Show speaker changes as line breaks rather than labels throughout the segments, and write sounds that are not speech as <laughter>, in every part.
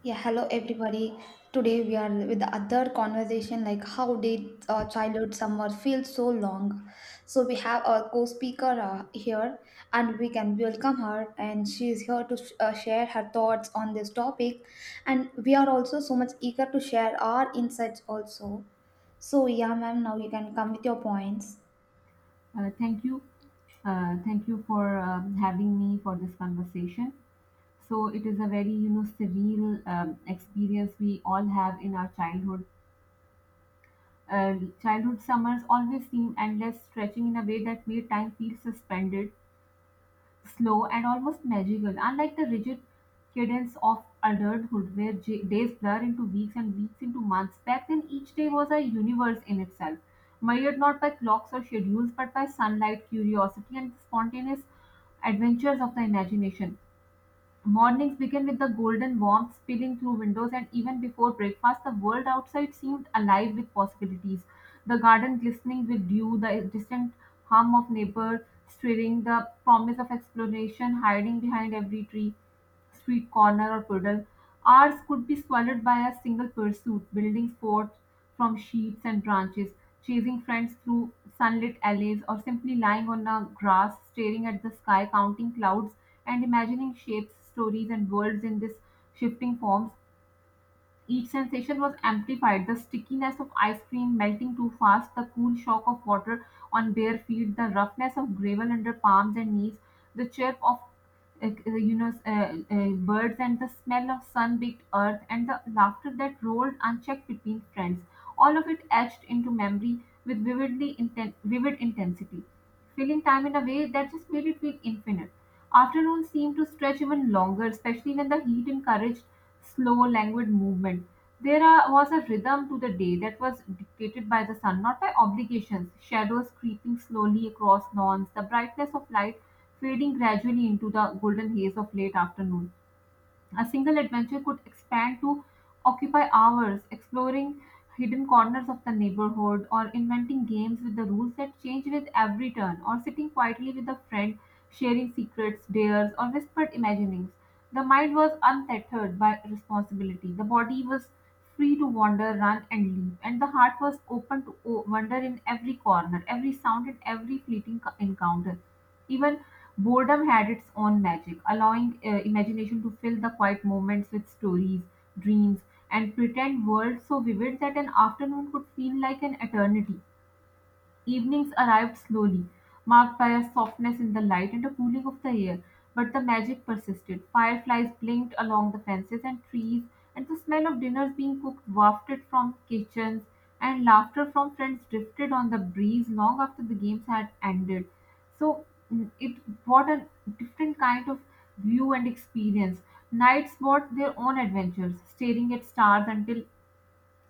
Yeah, hello everybody. Today we are with the other conversation like how did childhood summer feel so long? So we have our co-speaker here and we can welcome her, and she is here to share her thoughts on this topic, and we are also so much eager to share our insights also. So yeah, ma'am, now you can come with your points.
Thank you. Thank you for having me for this conversation. So it is a very, surreal experience we all have in our childhood. Uh, childhood summers always seem endless, stretching in a way that made time feel suspended, slow, and almost magical, unlike the rigid cadence of adulthood where days blur into weeks and weeks into months. Back then, each day was a universe in itself, measured not by clocks or schedules but by sunlight, curiosity, and the spontaneous adventures of the imagination. Mornings began with the golden warmth spilling through windows, and even before breakfast, the world outside seemed alive with possibilities. The garden glistening with dew, the distant hum of neighbors stirring, the promise of exploration hiding behind every tree, street corner, or puddle. Hours could be swallowed by a single pursuit, building forts from sheets and branches, chasing friends through sunlit alleys, or simply lying on the grass, staring at the sky, counting clouds, and imagining shapes, stories, and worlds in these shifting forms. Each sensation was amplified, the stickiness of ice cream melting too fast, the cool shock of water on bare feet, the roughness of gravel under palms and knees, the chirp of birds, and the smell of sun-baked earth, and the laughter that rolled unchecked between friends, all of it etched into memory with vivid intensity, filling time in a way that just made it feel infinite. Afternoons seemed to stretch even longer, especially when the heat encouraged slow, languid movement. There was a rhythm to the day that was dictated by the sun, not by obligations. Shadows creeping slowly across lawns, the brightness of light fading gradually into the golden haze of late afternoon. A single adventure could expand to occupy hours, exploring hidden corners of the neighborhood, or inventing games with the rules that change with every turn, or sitting quietly with a friend, sharing secrets, dares, or whispered imaginings. The mind was untethered by responsibility. The body was free to wander, run, and leap, and the heart was open to wander in every corner, every sound, and every fleeting encounter. Even boredom had its own magic, allowing imagination to fill the quiet moments with stories, dreams, and pretend worlds so vivid that an afternoon could feel like an eternity. Evenings arrived slowly, marked by a softness in the light and a cooling of the air, but the magic persisted. Fireflies blinked along the fences and trees, and the smell of dinners being cooked wafted from kitchens, and laughter from friends drifted on the breeze long after the games had ended. So, it brought a different kind of view and experience. Nights brought their own adventures, staring at stars until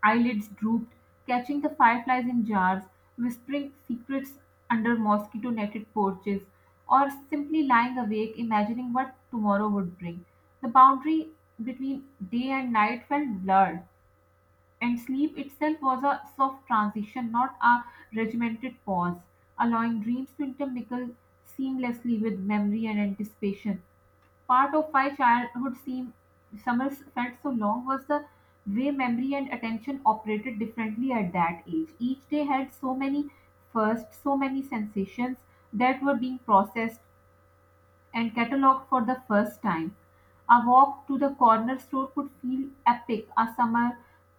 eyelids drooped, catching the fireflies in jars, whispering secrets under mosquito netted porches, or simply lying awake imagining what tomorrow would bring. The boundary between day and night felt blurred, and sleep itself was a soft transition, not a regimented pause, allowing dreams to intermingle seamlessly with memory and anticipation. Part of why summers felt so long was the way memory and attention operated differently at that age. Each day had so many firsts, so many sensations that were being processed and catalog for the first time. A walk to the corner store could feel epic. A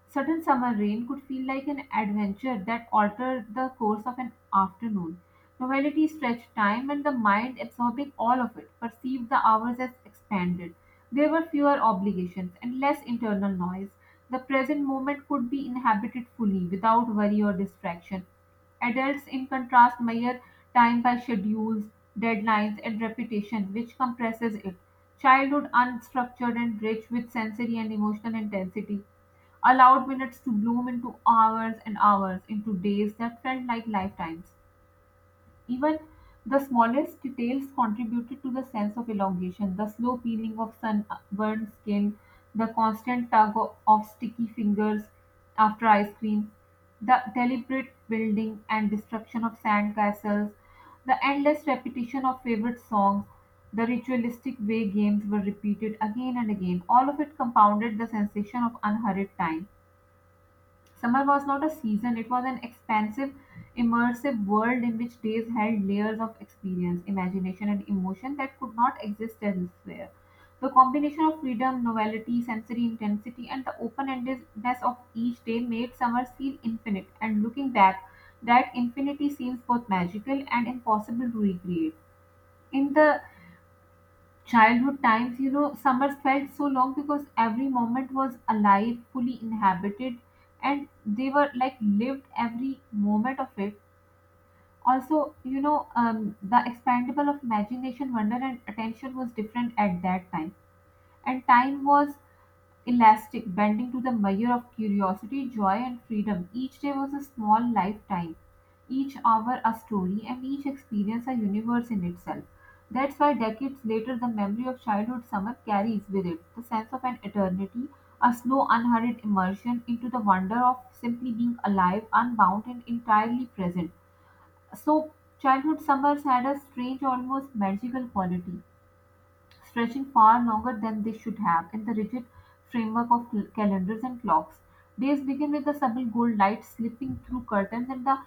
sudden summer rain could feel like an adventure that altered the course of an afternoon. Novelty stretched time, and the mind, absorbing all of it, perceived the hours as expanded. There were fewer obligations and less internal noise. The present moment could be inhabited fully without worry or distraction. Adults, in contrast, measure time by schedules, deadlines, and repetition, which compresses it. Childhood, unstructured and rich with sensory and emotional intensity, allowed minutes to bloom into hours, and hours into days that felt like lifetimes. Even the smallest details contributed to the sense of elongation, the slow peeling of sunburned skin, the constant tug of sticky fingers after ice cream, the deliberate building and destruction of sand castles, the endless repetition of favorite songs, the ritualistic way games were repeated again and again. All of it compounded the sensation of unhurried time. Summer was not a season, it was an expansive, immersive world in which days held layers of experience, imagination, and emotion that could not exist elsewhere. The combination of freedom, novelty, sensory intensity, and the open endedness of each day made summer feel infinite, and looking back, that infinity seems both magical and impossible to recreate. In the childhood times, you know, summers felt so long because every moment was alive, fully inhabited, and they were like lived every moment of it. Also, you know, the expandable of imagination, wonder, and attention was different at that time. And time was elastic, bending to the measure of curiosity, joy, and freedom. Each day was a small lifetime, each hour a story, and each experience a universe in itself. That's why decades later, the memory of childhood summer carries with it the sense of an eternity, a slow, unhurried immersion into the wonder of simply being alive, unbound, and entirely present. So, childhood summers had a strange, almost magical quality, stretching far longer than they should have in the rigid framework of calendars and clocks. Days begin with the subtle gold light slipping through curtains and the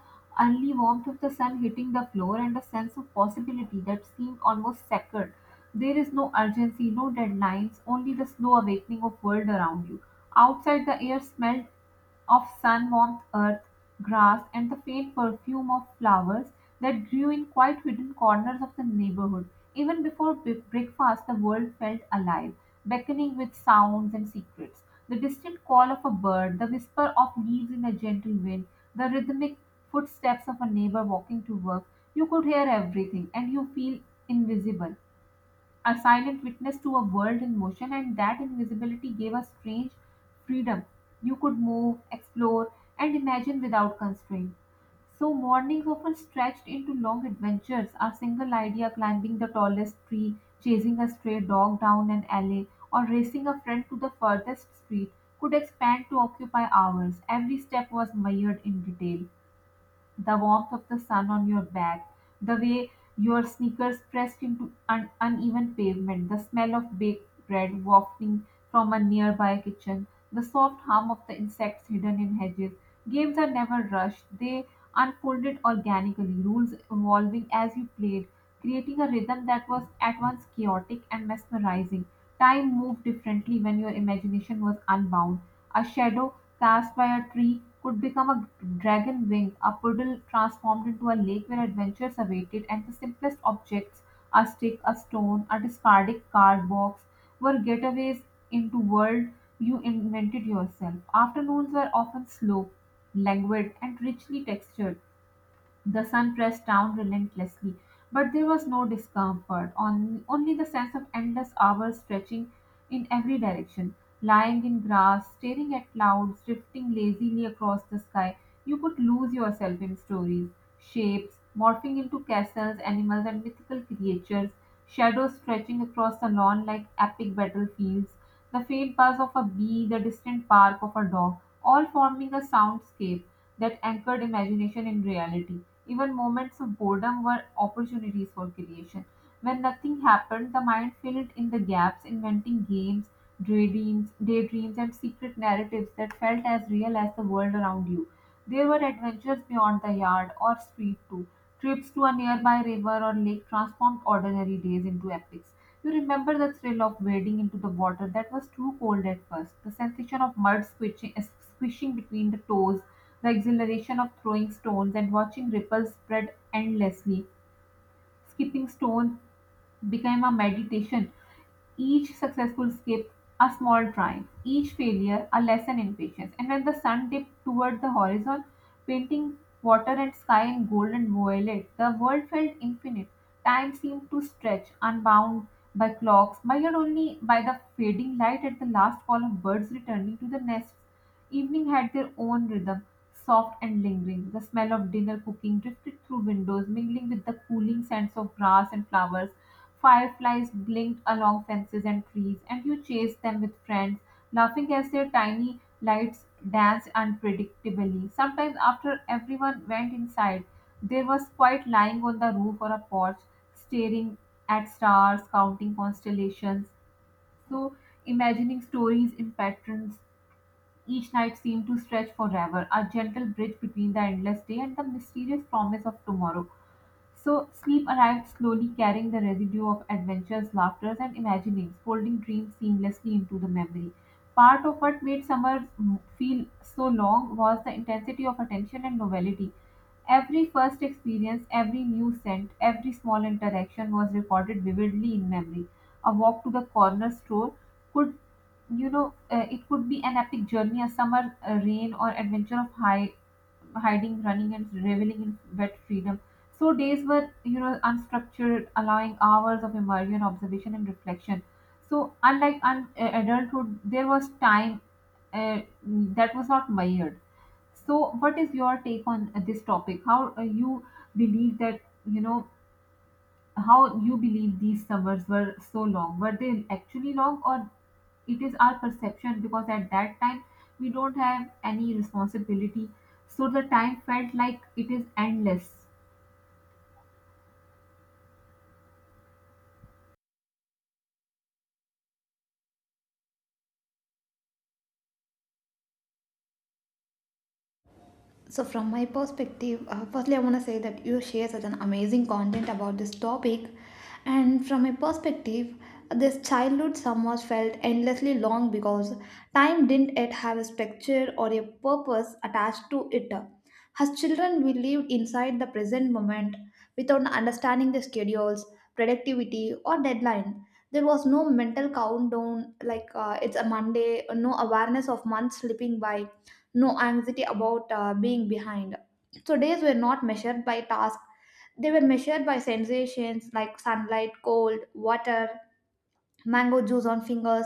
early warmth of the sun hitting the floor, and a sense of possibility that seemed almost sacred. There is no urgency, no deadlines, only the slow awakening of world around you. Outside, the air smelled of sun, warmth, earth, grass, and the faint perfume of flowers that grew in quite hidden corners of the neighborhood. Even before breakfast, the world felt alive, beckoning with sounds and secrets. The distant call of a bird, the whisper of leaves in a gentle wind, the rhythmic footsteps of a neighbor walking to work. You could hear everything, and you feel invisible, a silent witness to a world in motion, and that invisibility gave a strange freedom. You could move, explore, and imagine without constraint. So, mornings often stretched into long adventures, a single idea, climbing the tallest tree, chasing a stray dog down an alley, or racing a friend to the furthest street could expand to occupy hours. Every step was mired in detail, the warmth of the sun on your back, the way your sneakers pressed into an uneven pavement, the smell of baked bread wafting from a nearby kitchen, the soft hum of the insects hidden in hedges. Games are never rushed, they unfolded organically, rules evolving as you played, creating a rhythm that was at once chaotic and mesmerizing. Time moved differently when your imagination was unbound. A shadow cast by a tree could become a dragon wing, a puddle transformed into a lake where adventures awaited, and the simplest objects, a stick, a stone, a discarded card box, were getaways into world you invented yourself. Afternoons were often slow, languid, and richly textured. The sun pressed down relentlessly, but there was no discomfort, on, only the sense of endless hours stretching in every direction. Lying in grass, staring at clouds drifting lazily across the sky, you could lose yourself in stories, shapes morphing into castles, animals, and mythical creatures, shadows stretching across the lawn like epic battlefields, the faint buzz of a bee, the distant bark of a dog, all forming a soundscape that anchored imagination in reality. Even moments of boredom were opportunities for creation. When nothing happened, the mind filled in the gaps, inventing games, daydreams, and secret narratives that felt as real as the world around you. There were adventures beyond the yard or street too. Trips to a nearby river or lake transformed ordinary days into epics. You remember the thrill of wading into the water that was too cold at first, the sensation of mud squishing, between the toes, the exhilaration of throwing stones and watching ripples spread endlessly, skipping stones became a meditation, each successful skip a small triumph, each failure a lesson in patience. And when the sun dipped toward the horizon, painting water and sky in gold and violet, the world felt infinite. Time seemed to stretch, unbound by clocks, measured only by the fading light at the last call of birds returning to the nests. Evening had their own rhythm, soft and lingering. The smell of dinner cooking drifted through windows, mingling with the cooling scents of grass and flowers. Fireflies blinked along fences and trees, and you chased them with friends, laughing as their tiny lights danced unpredictably. Sometimes, after everyone went inside, there was quiet, lying on the roof or a porch, staring at stars, counting constellations, so imagining stories in patterns, each night seemed to stretch forever, a gentle bridge between the endless day and the mysterious promise of tomorrow. So sleep arrived slowly, carrying the residue of adventures, laughters, and imaginings, folding dreams seamlessly into the memory. Part of what made summers feel so long was the intensity of attention and novelty. Every first experience, every new scent, every small interaction was recorded vividly in memory. A walk to the corner store could, it could be an epic journey, a summer rain, or adventure of high hiding, running, and reveling in wet freedom. So days were, unstructured, allowing hours of immersion, observation, and reflection. So unlike adulthood, there was time that was not measured. So, what is your take on this topic? How you believe that you know how you believe these summers were so long. Were they actually long, or it is our perception? Because at that time we don't have any responsibility, so the time felt like it is endless.
So, from my perspective, firstly, I want to say that you share such an amazing content about this topic. And from my perspective, this childhood summers felt endlessly long because time didn't yet have a structure or a purpose attached to it. As children, we lived inside the present moment without understanding the schedules, productivity, or deadline. There was no mental countdown like it's a Monday, no awareness of months slipping by, no anxiety about being behind. So days were not measured by tasks, they were measured by sensations like sunlight, cold, water, mango juice on fingers,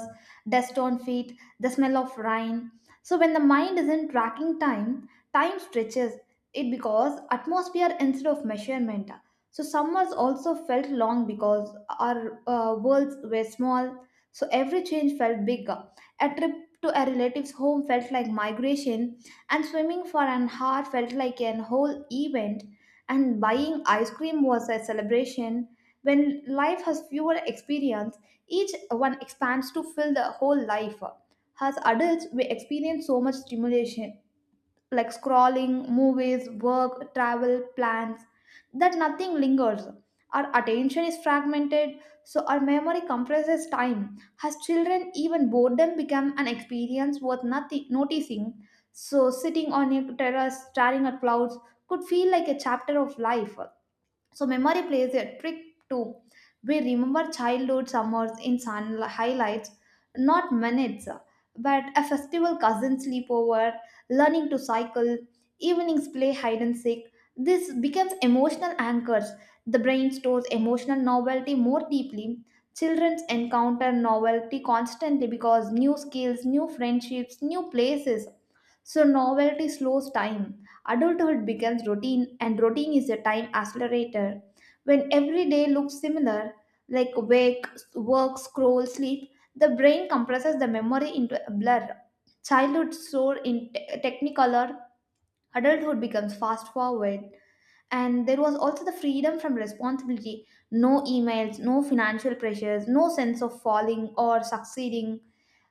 dust on feet, the smell of rain. So when the mind isn't tracking time, time stretches it because atmosphere instead of measurement. So summers also felt long because our worlds were small. So every change felt bigger. A trip to a relative's home felt like migration, and swimming for an hour felt like an whole event. And buying ice cream was a celebration. When life has fewer experience, each one expands to fill the whole life. As adults, we experience so much stimulation like scrolling, movies, work, travel, plans that nothing lingers. Our attention is fragmented, so our memory compresses time. As children, even boredom becomes an experience worth nothing noticing. So sitting on a terrace, staring at clouds could feel like a chapter of life. So memory plays a trick too. We remember childhood summers in sun highlights, not minutes, but a festival cousin sleepover, learning to cycle, evenings play hide and seek. This becomes emotional anchors. The brain stores emotional novelty more deeply. Children encounter novelty constantly because new skills, new friendships, new places. So novelty slows time. Adulthood becomes routine, and routine is a time accelerator. When every day looks similar, like wake, work, scroll, sleep, the brain compresses the memory into a blur. Childhood stored in technicolor, adulthood becomes fast forward. And there was also the freedom from responsibility, no emails, no financial pressures, no sense of falling or succeeding.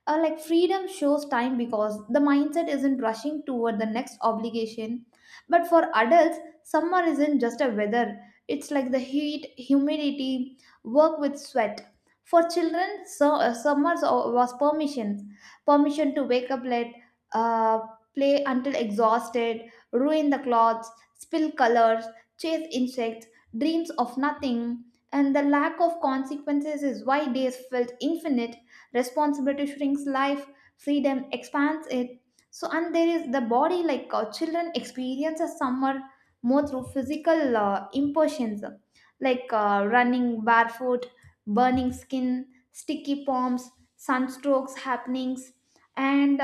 Like freedom shows time because the mindset isn't rushing toward the next obligation. But for adults, summer isn't just a weather, it's like the heat, humidity, work with sweat. For children, so, summers was permission, permission to wake up late, uh, play until exhausted, ruin the clothes, spill colors, chase insects, dreams of nothing, and the lack of consequences is why days felt infinite. Responsibility shrinks life, freedom expands it. So, and there is the body, like children experience a summer more through physical impressions, like running barefoot, burning skin, sticky palms, sunstrokes happenings, and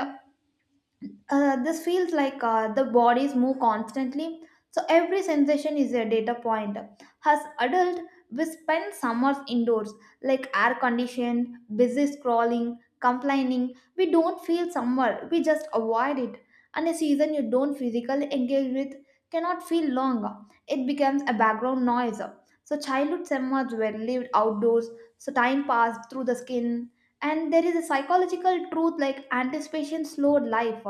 this feels like the bodies move constantly, so every sensation is a data point. As adult, we spend summers indoors, like air conditioned, busy scrolling, complaining. We don't feel summer, we just avoid it. And a season you don't physically engage with cannot feel long. It becomes a background noise. So childhood summers were lived outdoors, so time passed through the skin. And there is a psychological truth like anticipation slowed life.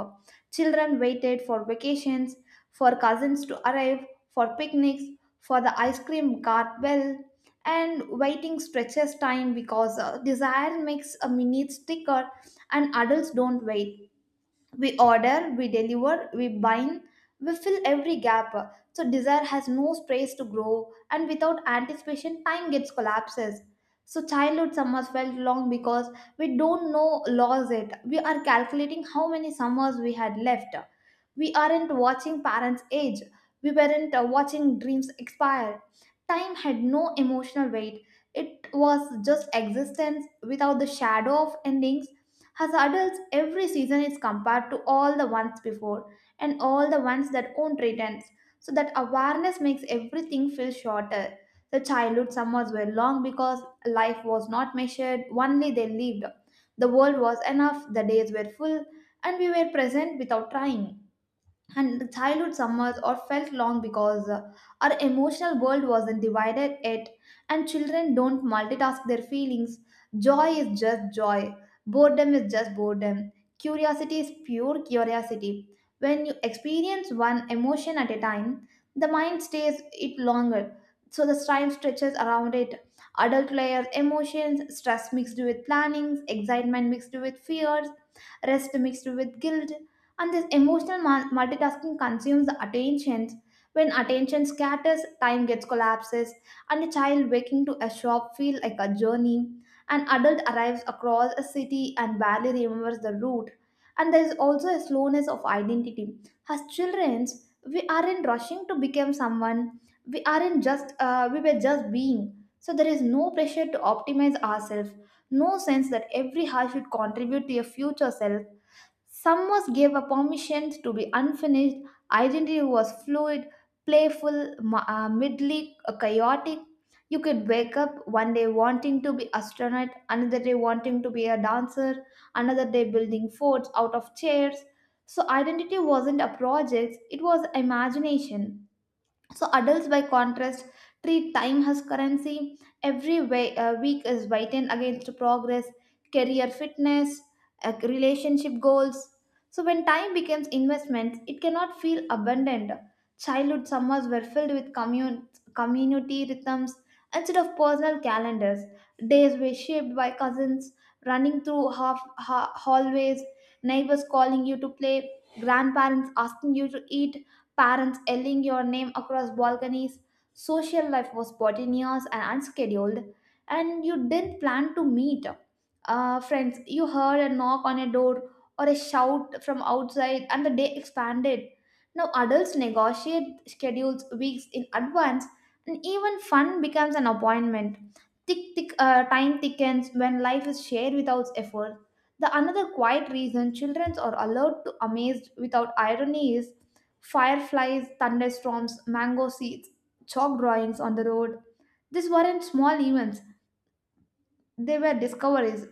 Children waited for vacations, for cousins to arrive, for picnics, for the ice cream cart bell, and waiting stretches time because desire makes a minute thicker, and adults don't wait, we order, we deliver, we bind, we fill every gap, so desire has no space to grow, and without anticipation time gets collapses. So childhood summers felt long because we don't know lost it, we are calculating how many summers we had left, we aren't watching parents age, we weren't watching dreams expire, time had no emotional weight, it was just existence without the shadow of endings. As adults, every season is compared to all the ones before and all the ones that won't return. So that awareness makes everything feel shorter. The childhood summers were long because life was not measured, only they lived. The world was enough, the days were full, and we were present without trying, and the childhood summers or felt long because our emotional world wasn't divided yet, and children don't multitask their feelings. Joy is just joy, boredom is just boredom, curiosity is pure curiosity. When you experience one emotion at a time, the mind stays it longer, so the time stretches around it. Adult layers emotions, stress mixed with plannings, excitement mixed with fears, rest mixed with guilt, and this emotional multitasking consumes the attentions. When attention scatters, time gets collapses, and a child waking to a shop feel like a journey, an adult arrives across a city and barely remembers the route. And there is also a slowness of identity. As children, we aren't rushing to become someone, we aren't just we were just being. So there is no pressure to optimize ourselves, no sense that every hour should contribute to a future self. Some was gave a permission to be unfinished, identity was fluid, playful, midly chaotic. You could wake up one day wanting to be astronaut, another day wanting to be a dancer, another day building forts out of chairs. So identity wasn't a project, it was imagination. So adults, by contrast, treat time as currency. Every week is weighted against progress, career fitness, relationship goals. So when time becomes investment, it cannot feel abundant. Childhood summers were filled with community rhythms instead of personal calendars. Days were shaped by cousins running through hallways, neighbors calling you to play, grandparents asking you to eat, parents yelling your name across balconies. Social life was spontaneous and unscheduled, and you didn't plan to meet. Friends, you heard a knock on a door or a shout from outside, and the day expanded. Now, adults negotiate schedules weeks in advance, and even fun becomes an appointment. Tick, tick, time thickens when life is shared without effort. The another quiet reason children are allowed to amaze without irony is fireflies, thunderstorms, mango seeds, chalk drawings on the road. These weren't small events, they were discoveries.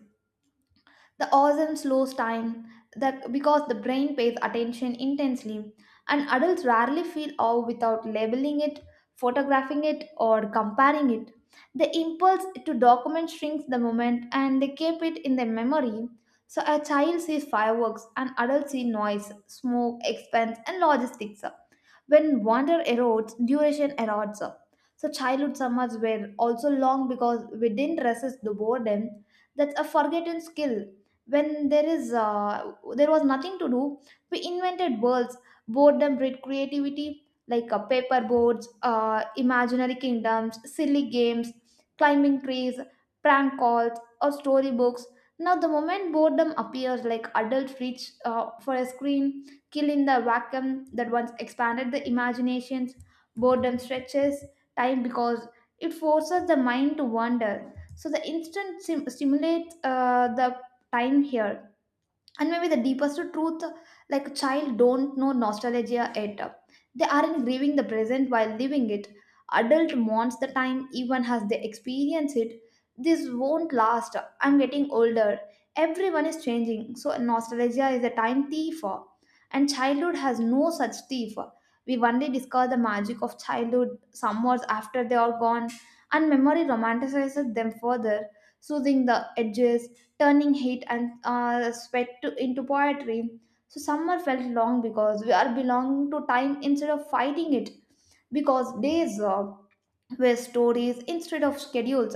The awesome slows time that because the brain pays attention intensely, and adults rarely feel awe without labeling it, photographing it, or comparing it. The impulse to document shrinks the moment and they keep it in their memory. So a child sees fireworks, an adult sees noise, smoke, expense, and logistics. When wonder erodes, duration erodes up. So childhood summers were also long because we didn't resist the boredom. That's a forgotten skill. When there is There was nothing to do, we invented worlds. Boredom bred creativity, like paper boards, imaginary kingdoms, silly games, climbing trees, prank calls, or storybooks. Now, the moment boredom appears, like adults reach for a screen, kill in the vacuum that once expanded the imaginations, boredom stretches time because it forces the mind to wander. So the instant stimulates the time here. And maybe the deepest truth, like child don't know nostalgia yet, they aren't grieving the present while living it, adult mourns the time even as they experience it. This won't last, I'm getting older, everyone is changing, so nostalgia is a time thief, and childhood has no such thief. We only discover the magic of childhood summers after they are gone, and memory romanticizes them further, soothing the edges, turning heat and sweat into poetry. So summer felt long because we are belonging to time instead of fighting it, because days were stories instead of schedules.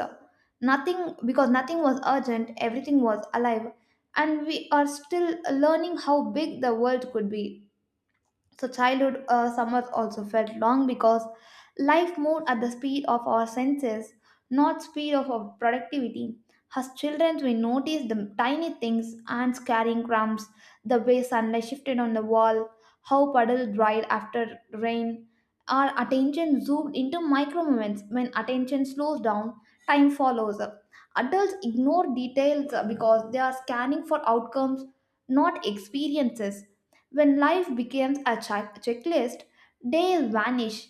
Nothing because nothing was urgent, everything was alive, and we are still learning how big the world could be. So, childhood summers also felt long because life moved at the speed of our senses, not speed of our productivity. As children, we noticed the tiny things, ants carrying crumbs, the way sunlight shifted on the wall, how puddles dried after rain. Our attention zoomed into micro moments. When attention slows down, time follows up. Adults ignore details because they are scanning for outcomes, not experiences. When life becomes a checklist, days vanish.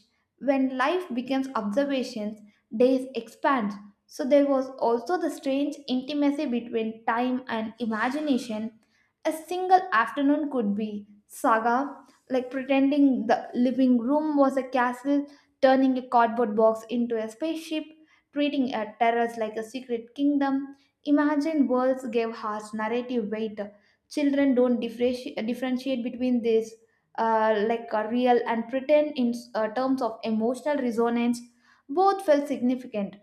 When life becomes observations, days expand. So there was also the strange intimacy between time and imagination. A single afternoon could be saga, like pretending the living room was a castle, turning a cardboard box into a spaceship, treating a terrace like a secret kingdom. Imagined worlds gave harsh narrative weight, children don't differentiate between this, like a real and pretend in terms of emotional resonance, both felt significant.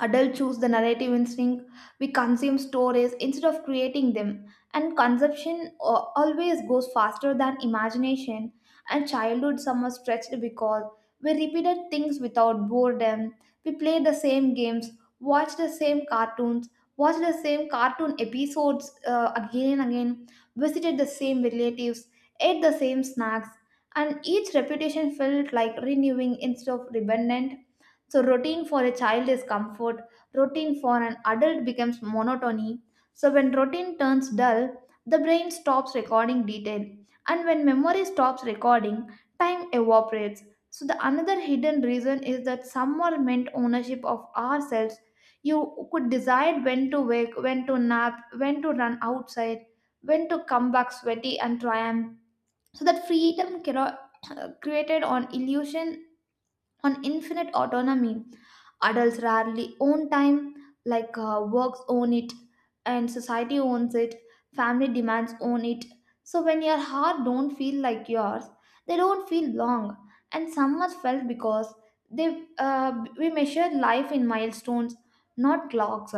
Adults choose the narrative instinct. We consume stories instead of creating them. And consumption always goes faster than imagination. And childhood summer stretched because we repeated things without boredom. We played the same games, watched the same cartoons, watched the same cartoon episodes again and again, visited the same relatives, ate the same snacks. And each repetition felt like renewing instead of redundant. So, routine for a child is comfort, routine for an adult becomes monotony. So, when routine turns dull, the brain stops recording detail, and when memory stops recording, time evaporates. So, the another hidden reason is that someone meant ownership of ourselves. You could decide when to wake, when to nap, when to run outside, when to come back sweaty and triumph. So, that freedom <coughs> <clears throat> created on illusion on infinite autonomy. Adults rarely own time, like works own it, and society owns it, family demands own it. So when your heart don't feel like yours, they don't feel long, and some are felt because they we measure life in milestones, not clocks.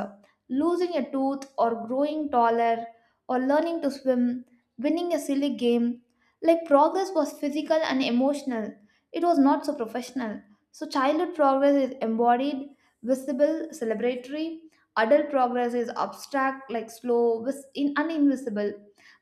Losing a tooth or growing taller or learning to swim, winning a silly game, like progress was physical and emotional. It was not so professional. So, childhood progress is embodied, visible, celebratory. Adult progress is abstract, like slow, and invisible.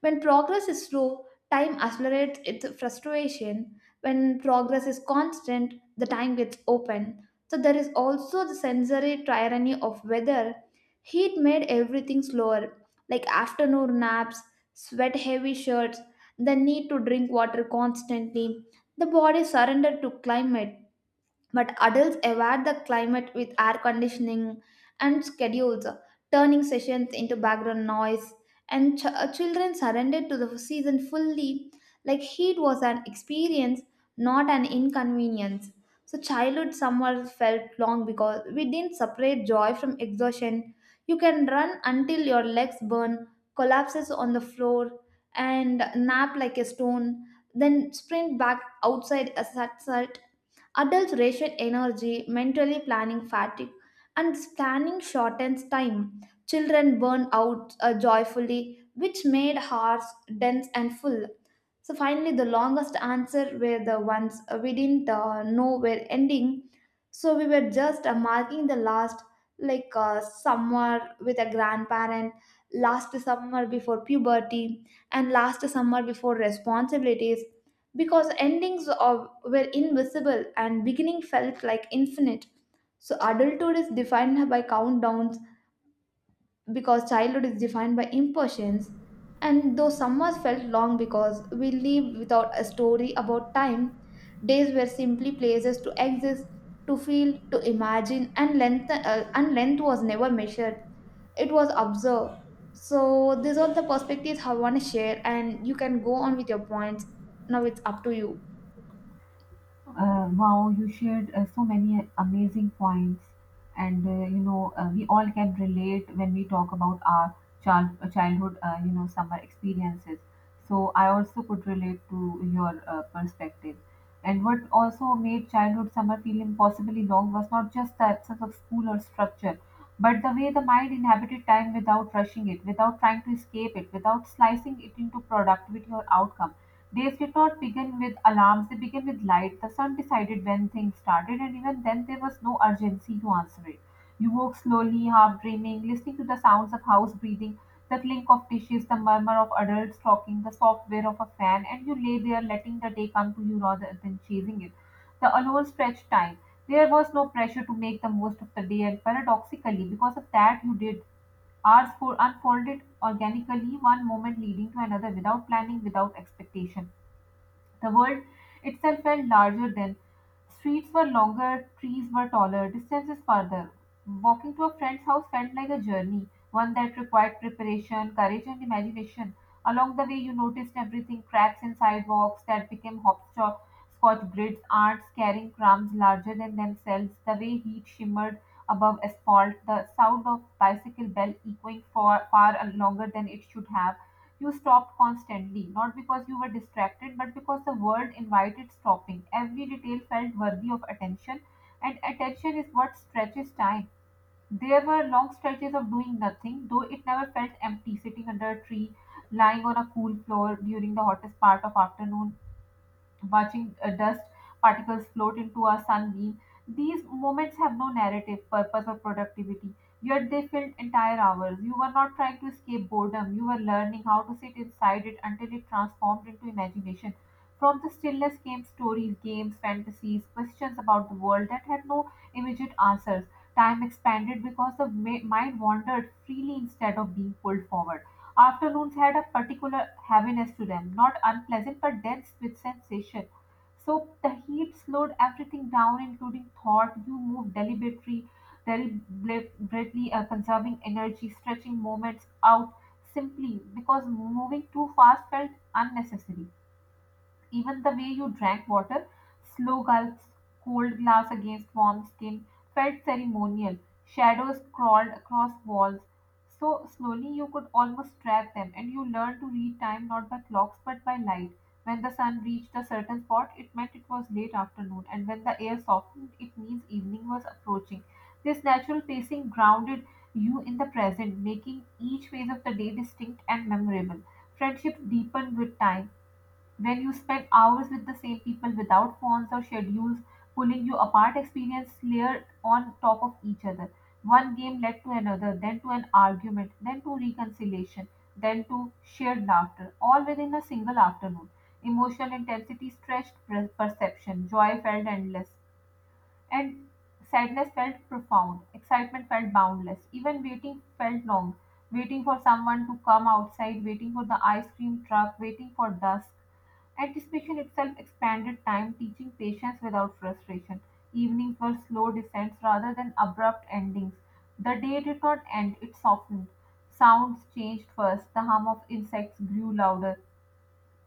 When progress is slow, time accelerates its frustration. When progress is constant, the time gets open. So, there is also the sensory tyranny of weather. Heat made everything slower, like afternoon naps, sweat heavy shirts, the need to drink water constantly. The body surrendered to climate, but adults evade the climate with air conditioning and schedules, turning sessions into background noise, and children surrendered to the season fully, like heat was an experience, not an inconvenience. So childhood summer felt long because we didn't separate joy from exhaustion. You can run until your legs burn, collapses on the floor, and nap like a stone, then sprint back outside at sunset. Adults ration energy, mentally planning fatigue, and planning shortens time. Children burn out joyfully, which made hearts dense and full. So finally, the longest answer were the ones we didn't know were ending. So we were just marking the last, like summer with a grandparent, last summer before puberty, and last summer before responsibilities, because endings of, were invisible and beginning felt like infinite. So adulthood is defined by countdowns because childhood is defined by impatience. And though summers felt long because we lived without a story about time, days were simply places to exist, to feel, to imagine, and and length was never measured. It was observed. So these are the perspectives I want to share, and you can go on with your points. Now it's up to you.
Wow, you shared so many amazing points, and we all can relate when we talk about our childhood, summer experiences. So I also could relate to your perspective. And what also made childhood summer feel impossibly long was not just the absence of school or structure, but the way the mind inhabited time without rushing it, without trying to escape it, without slicing it into productivity or outcome. Days did not begin with alarms, they began with light. The sun decided when things started, and even then there was no urgency to answer it. You woke slowly, half dreaming, listening to the sounds of house breathing, the clink of dishes, the murmur of adults talking, the soft whir of a fan, and you lay there letting the day come to you rather than chasing it. The alone stretched time. There was no pressure to make the most of the day, and paradoxically, because of that, you did. Hours for unfolded organically, one moment leading to another without planning, without expectation. The world itself felt larger then. Streets were longer, trees were taller, distances farther. Walking to a friend's house felt like a journey, one that required preparation, courage, and imagination. Along the way, you noticed everything cracks in sidewalks that became hopscotch scotch grids, ants carrying crumbs larger than themselves, the way heat shimmered above asphalt, the sound of bicycle bell echoing far, far longer than it should have. You stopped constantly, not because you were distracted, but because the world invited stopping. Every detail felt worthy of attention, and attention is what stretches time. There were long stretches of doing nothing, though it never felt empty, sitting under a tree, lying on a cool floor during the hottest part of afternoon, watching dust particles float into a sunbeam. These moments have no narrative, purpose, or productivity, yet they filled entire hours. You were not trying to escape boredom, you were learning how to sit inside it until it transformed into imagination. From the stillness came stories, games, fantasies, questions about the world that had no immediate answers. Time expanded because the mind wandered freely instead of being pulled forward. Afternoons had a particular heaviness to them, not unpleasant but dense with sensation. So the heat slowed everything down, including thought. You moved deliberately, conserving energy, stretching moments out simply because moving too fast felt unnecessary. Even the way you drank water, slow gulps, cold glass against warm skin, felt ceremonial. Shadows crawled across walls. So slowly you could almost track them, and you learned to read time not by clocks but by light. When the sun reached a certain spot, it meant it was late afternoon, and when the air softened, it means evening was approaching. This natural pacing grounded you in the present, making each phase of the day distinct and memorable. Friendship deepened with time. When you spend hours with the same people without phones or schedules pulling you apart, experience layered on top of each other. One game led to another, then to an argument, then to reconciliation, then to shared laughter, all within a single afternoon. Emotional intensity stretched perception. Joy felt endless and sadness felt profound. Excitement felt boundless. Even waiting felt long. Waiting for someone to come outside, waiting for the ice cream truck, waiting for dusk. Anticipation itself expanded time, teaching patience without frustration. Evenings were slow descents rather than abrupt endings. The day did not end, it softened. Sounds changed first. The hum of insects grew louder.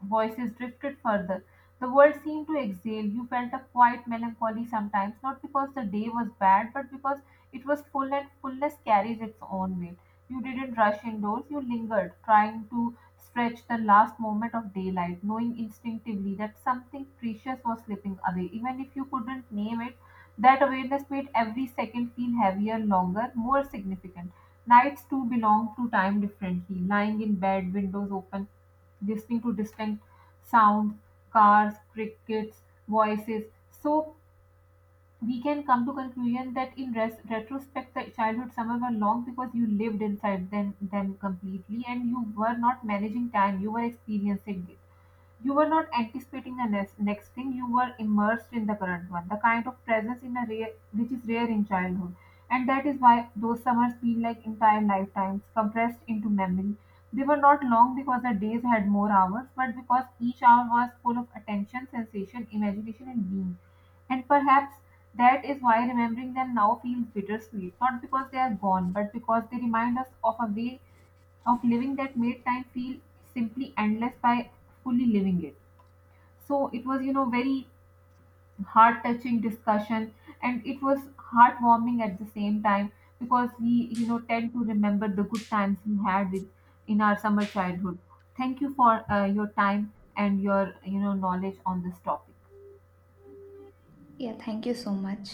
Voices drifted further. The world seemed to exhale. You felt a quiet melancholy sometimes, not because the day was bad, but because it was full and fullness carries its own weight. You didn't rush indoors, you lingered, trying to stretch the last moment of daylight, knowing instinctively that something precious was slipping away, even if you couldn't name it. That awareness made every second feel heavier, longer, more significant. Nights too belonged to time differently. Lying in bed, windows open, listening to distant sounds, cars, crickets, voices. So we can come to conclusion that in retrospect, the childhood summer were long because you lived inside them completely and you were not managing time. You were experiencing it. You were not anticipating the next thing, you were immersed in the current one, the kind of presence in a rare, which is rare in childhood. And that is why those summers feel like entire lifetimes compressed into memory. They were not long because the days had more hours, but because each hour was full of attention, sensation, imagination, and being. And perhaps that is why remembering them now feels bittersweet, not because they are gone, but because they remind us of a way of living that made time feel simply endless by fully living it. So it was, very heart touching discussion and it was heartwarming at the same time because we, tend to remember the good times we had with in our summer childhood. Thank you for your time and your, knowledge on this topic.
Yeah, thank you so much.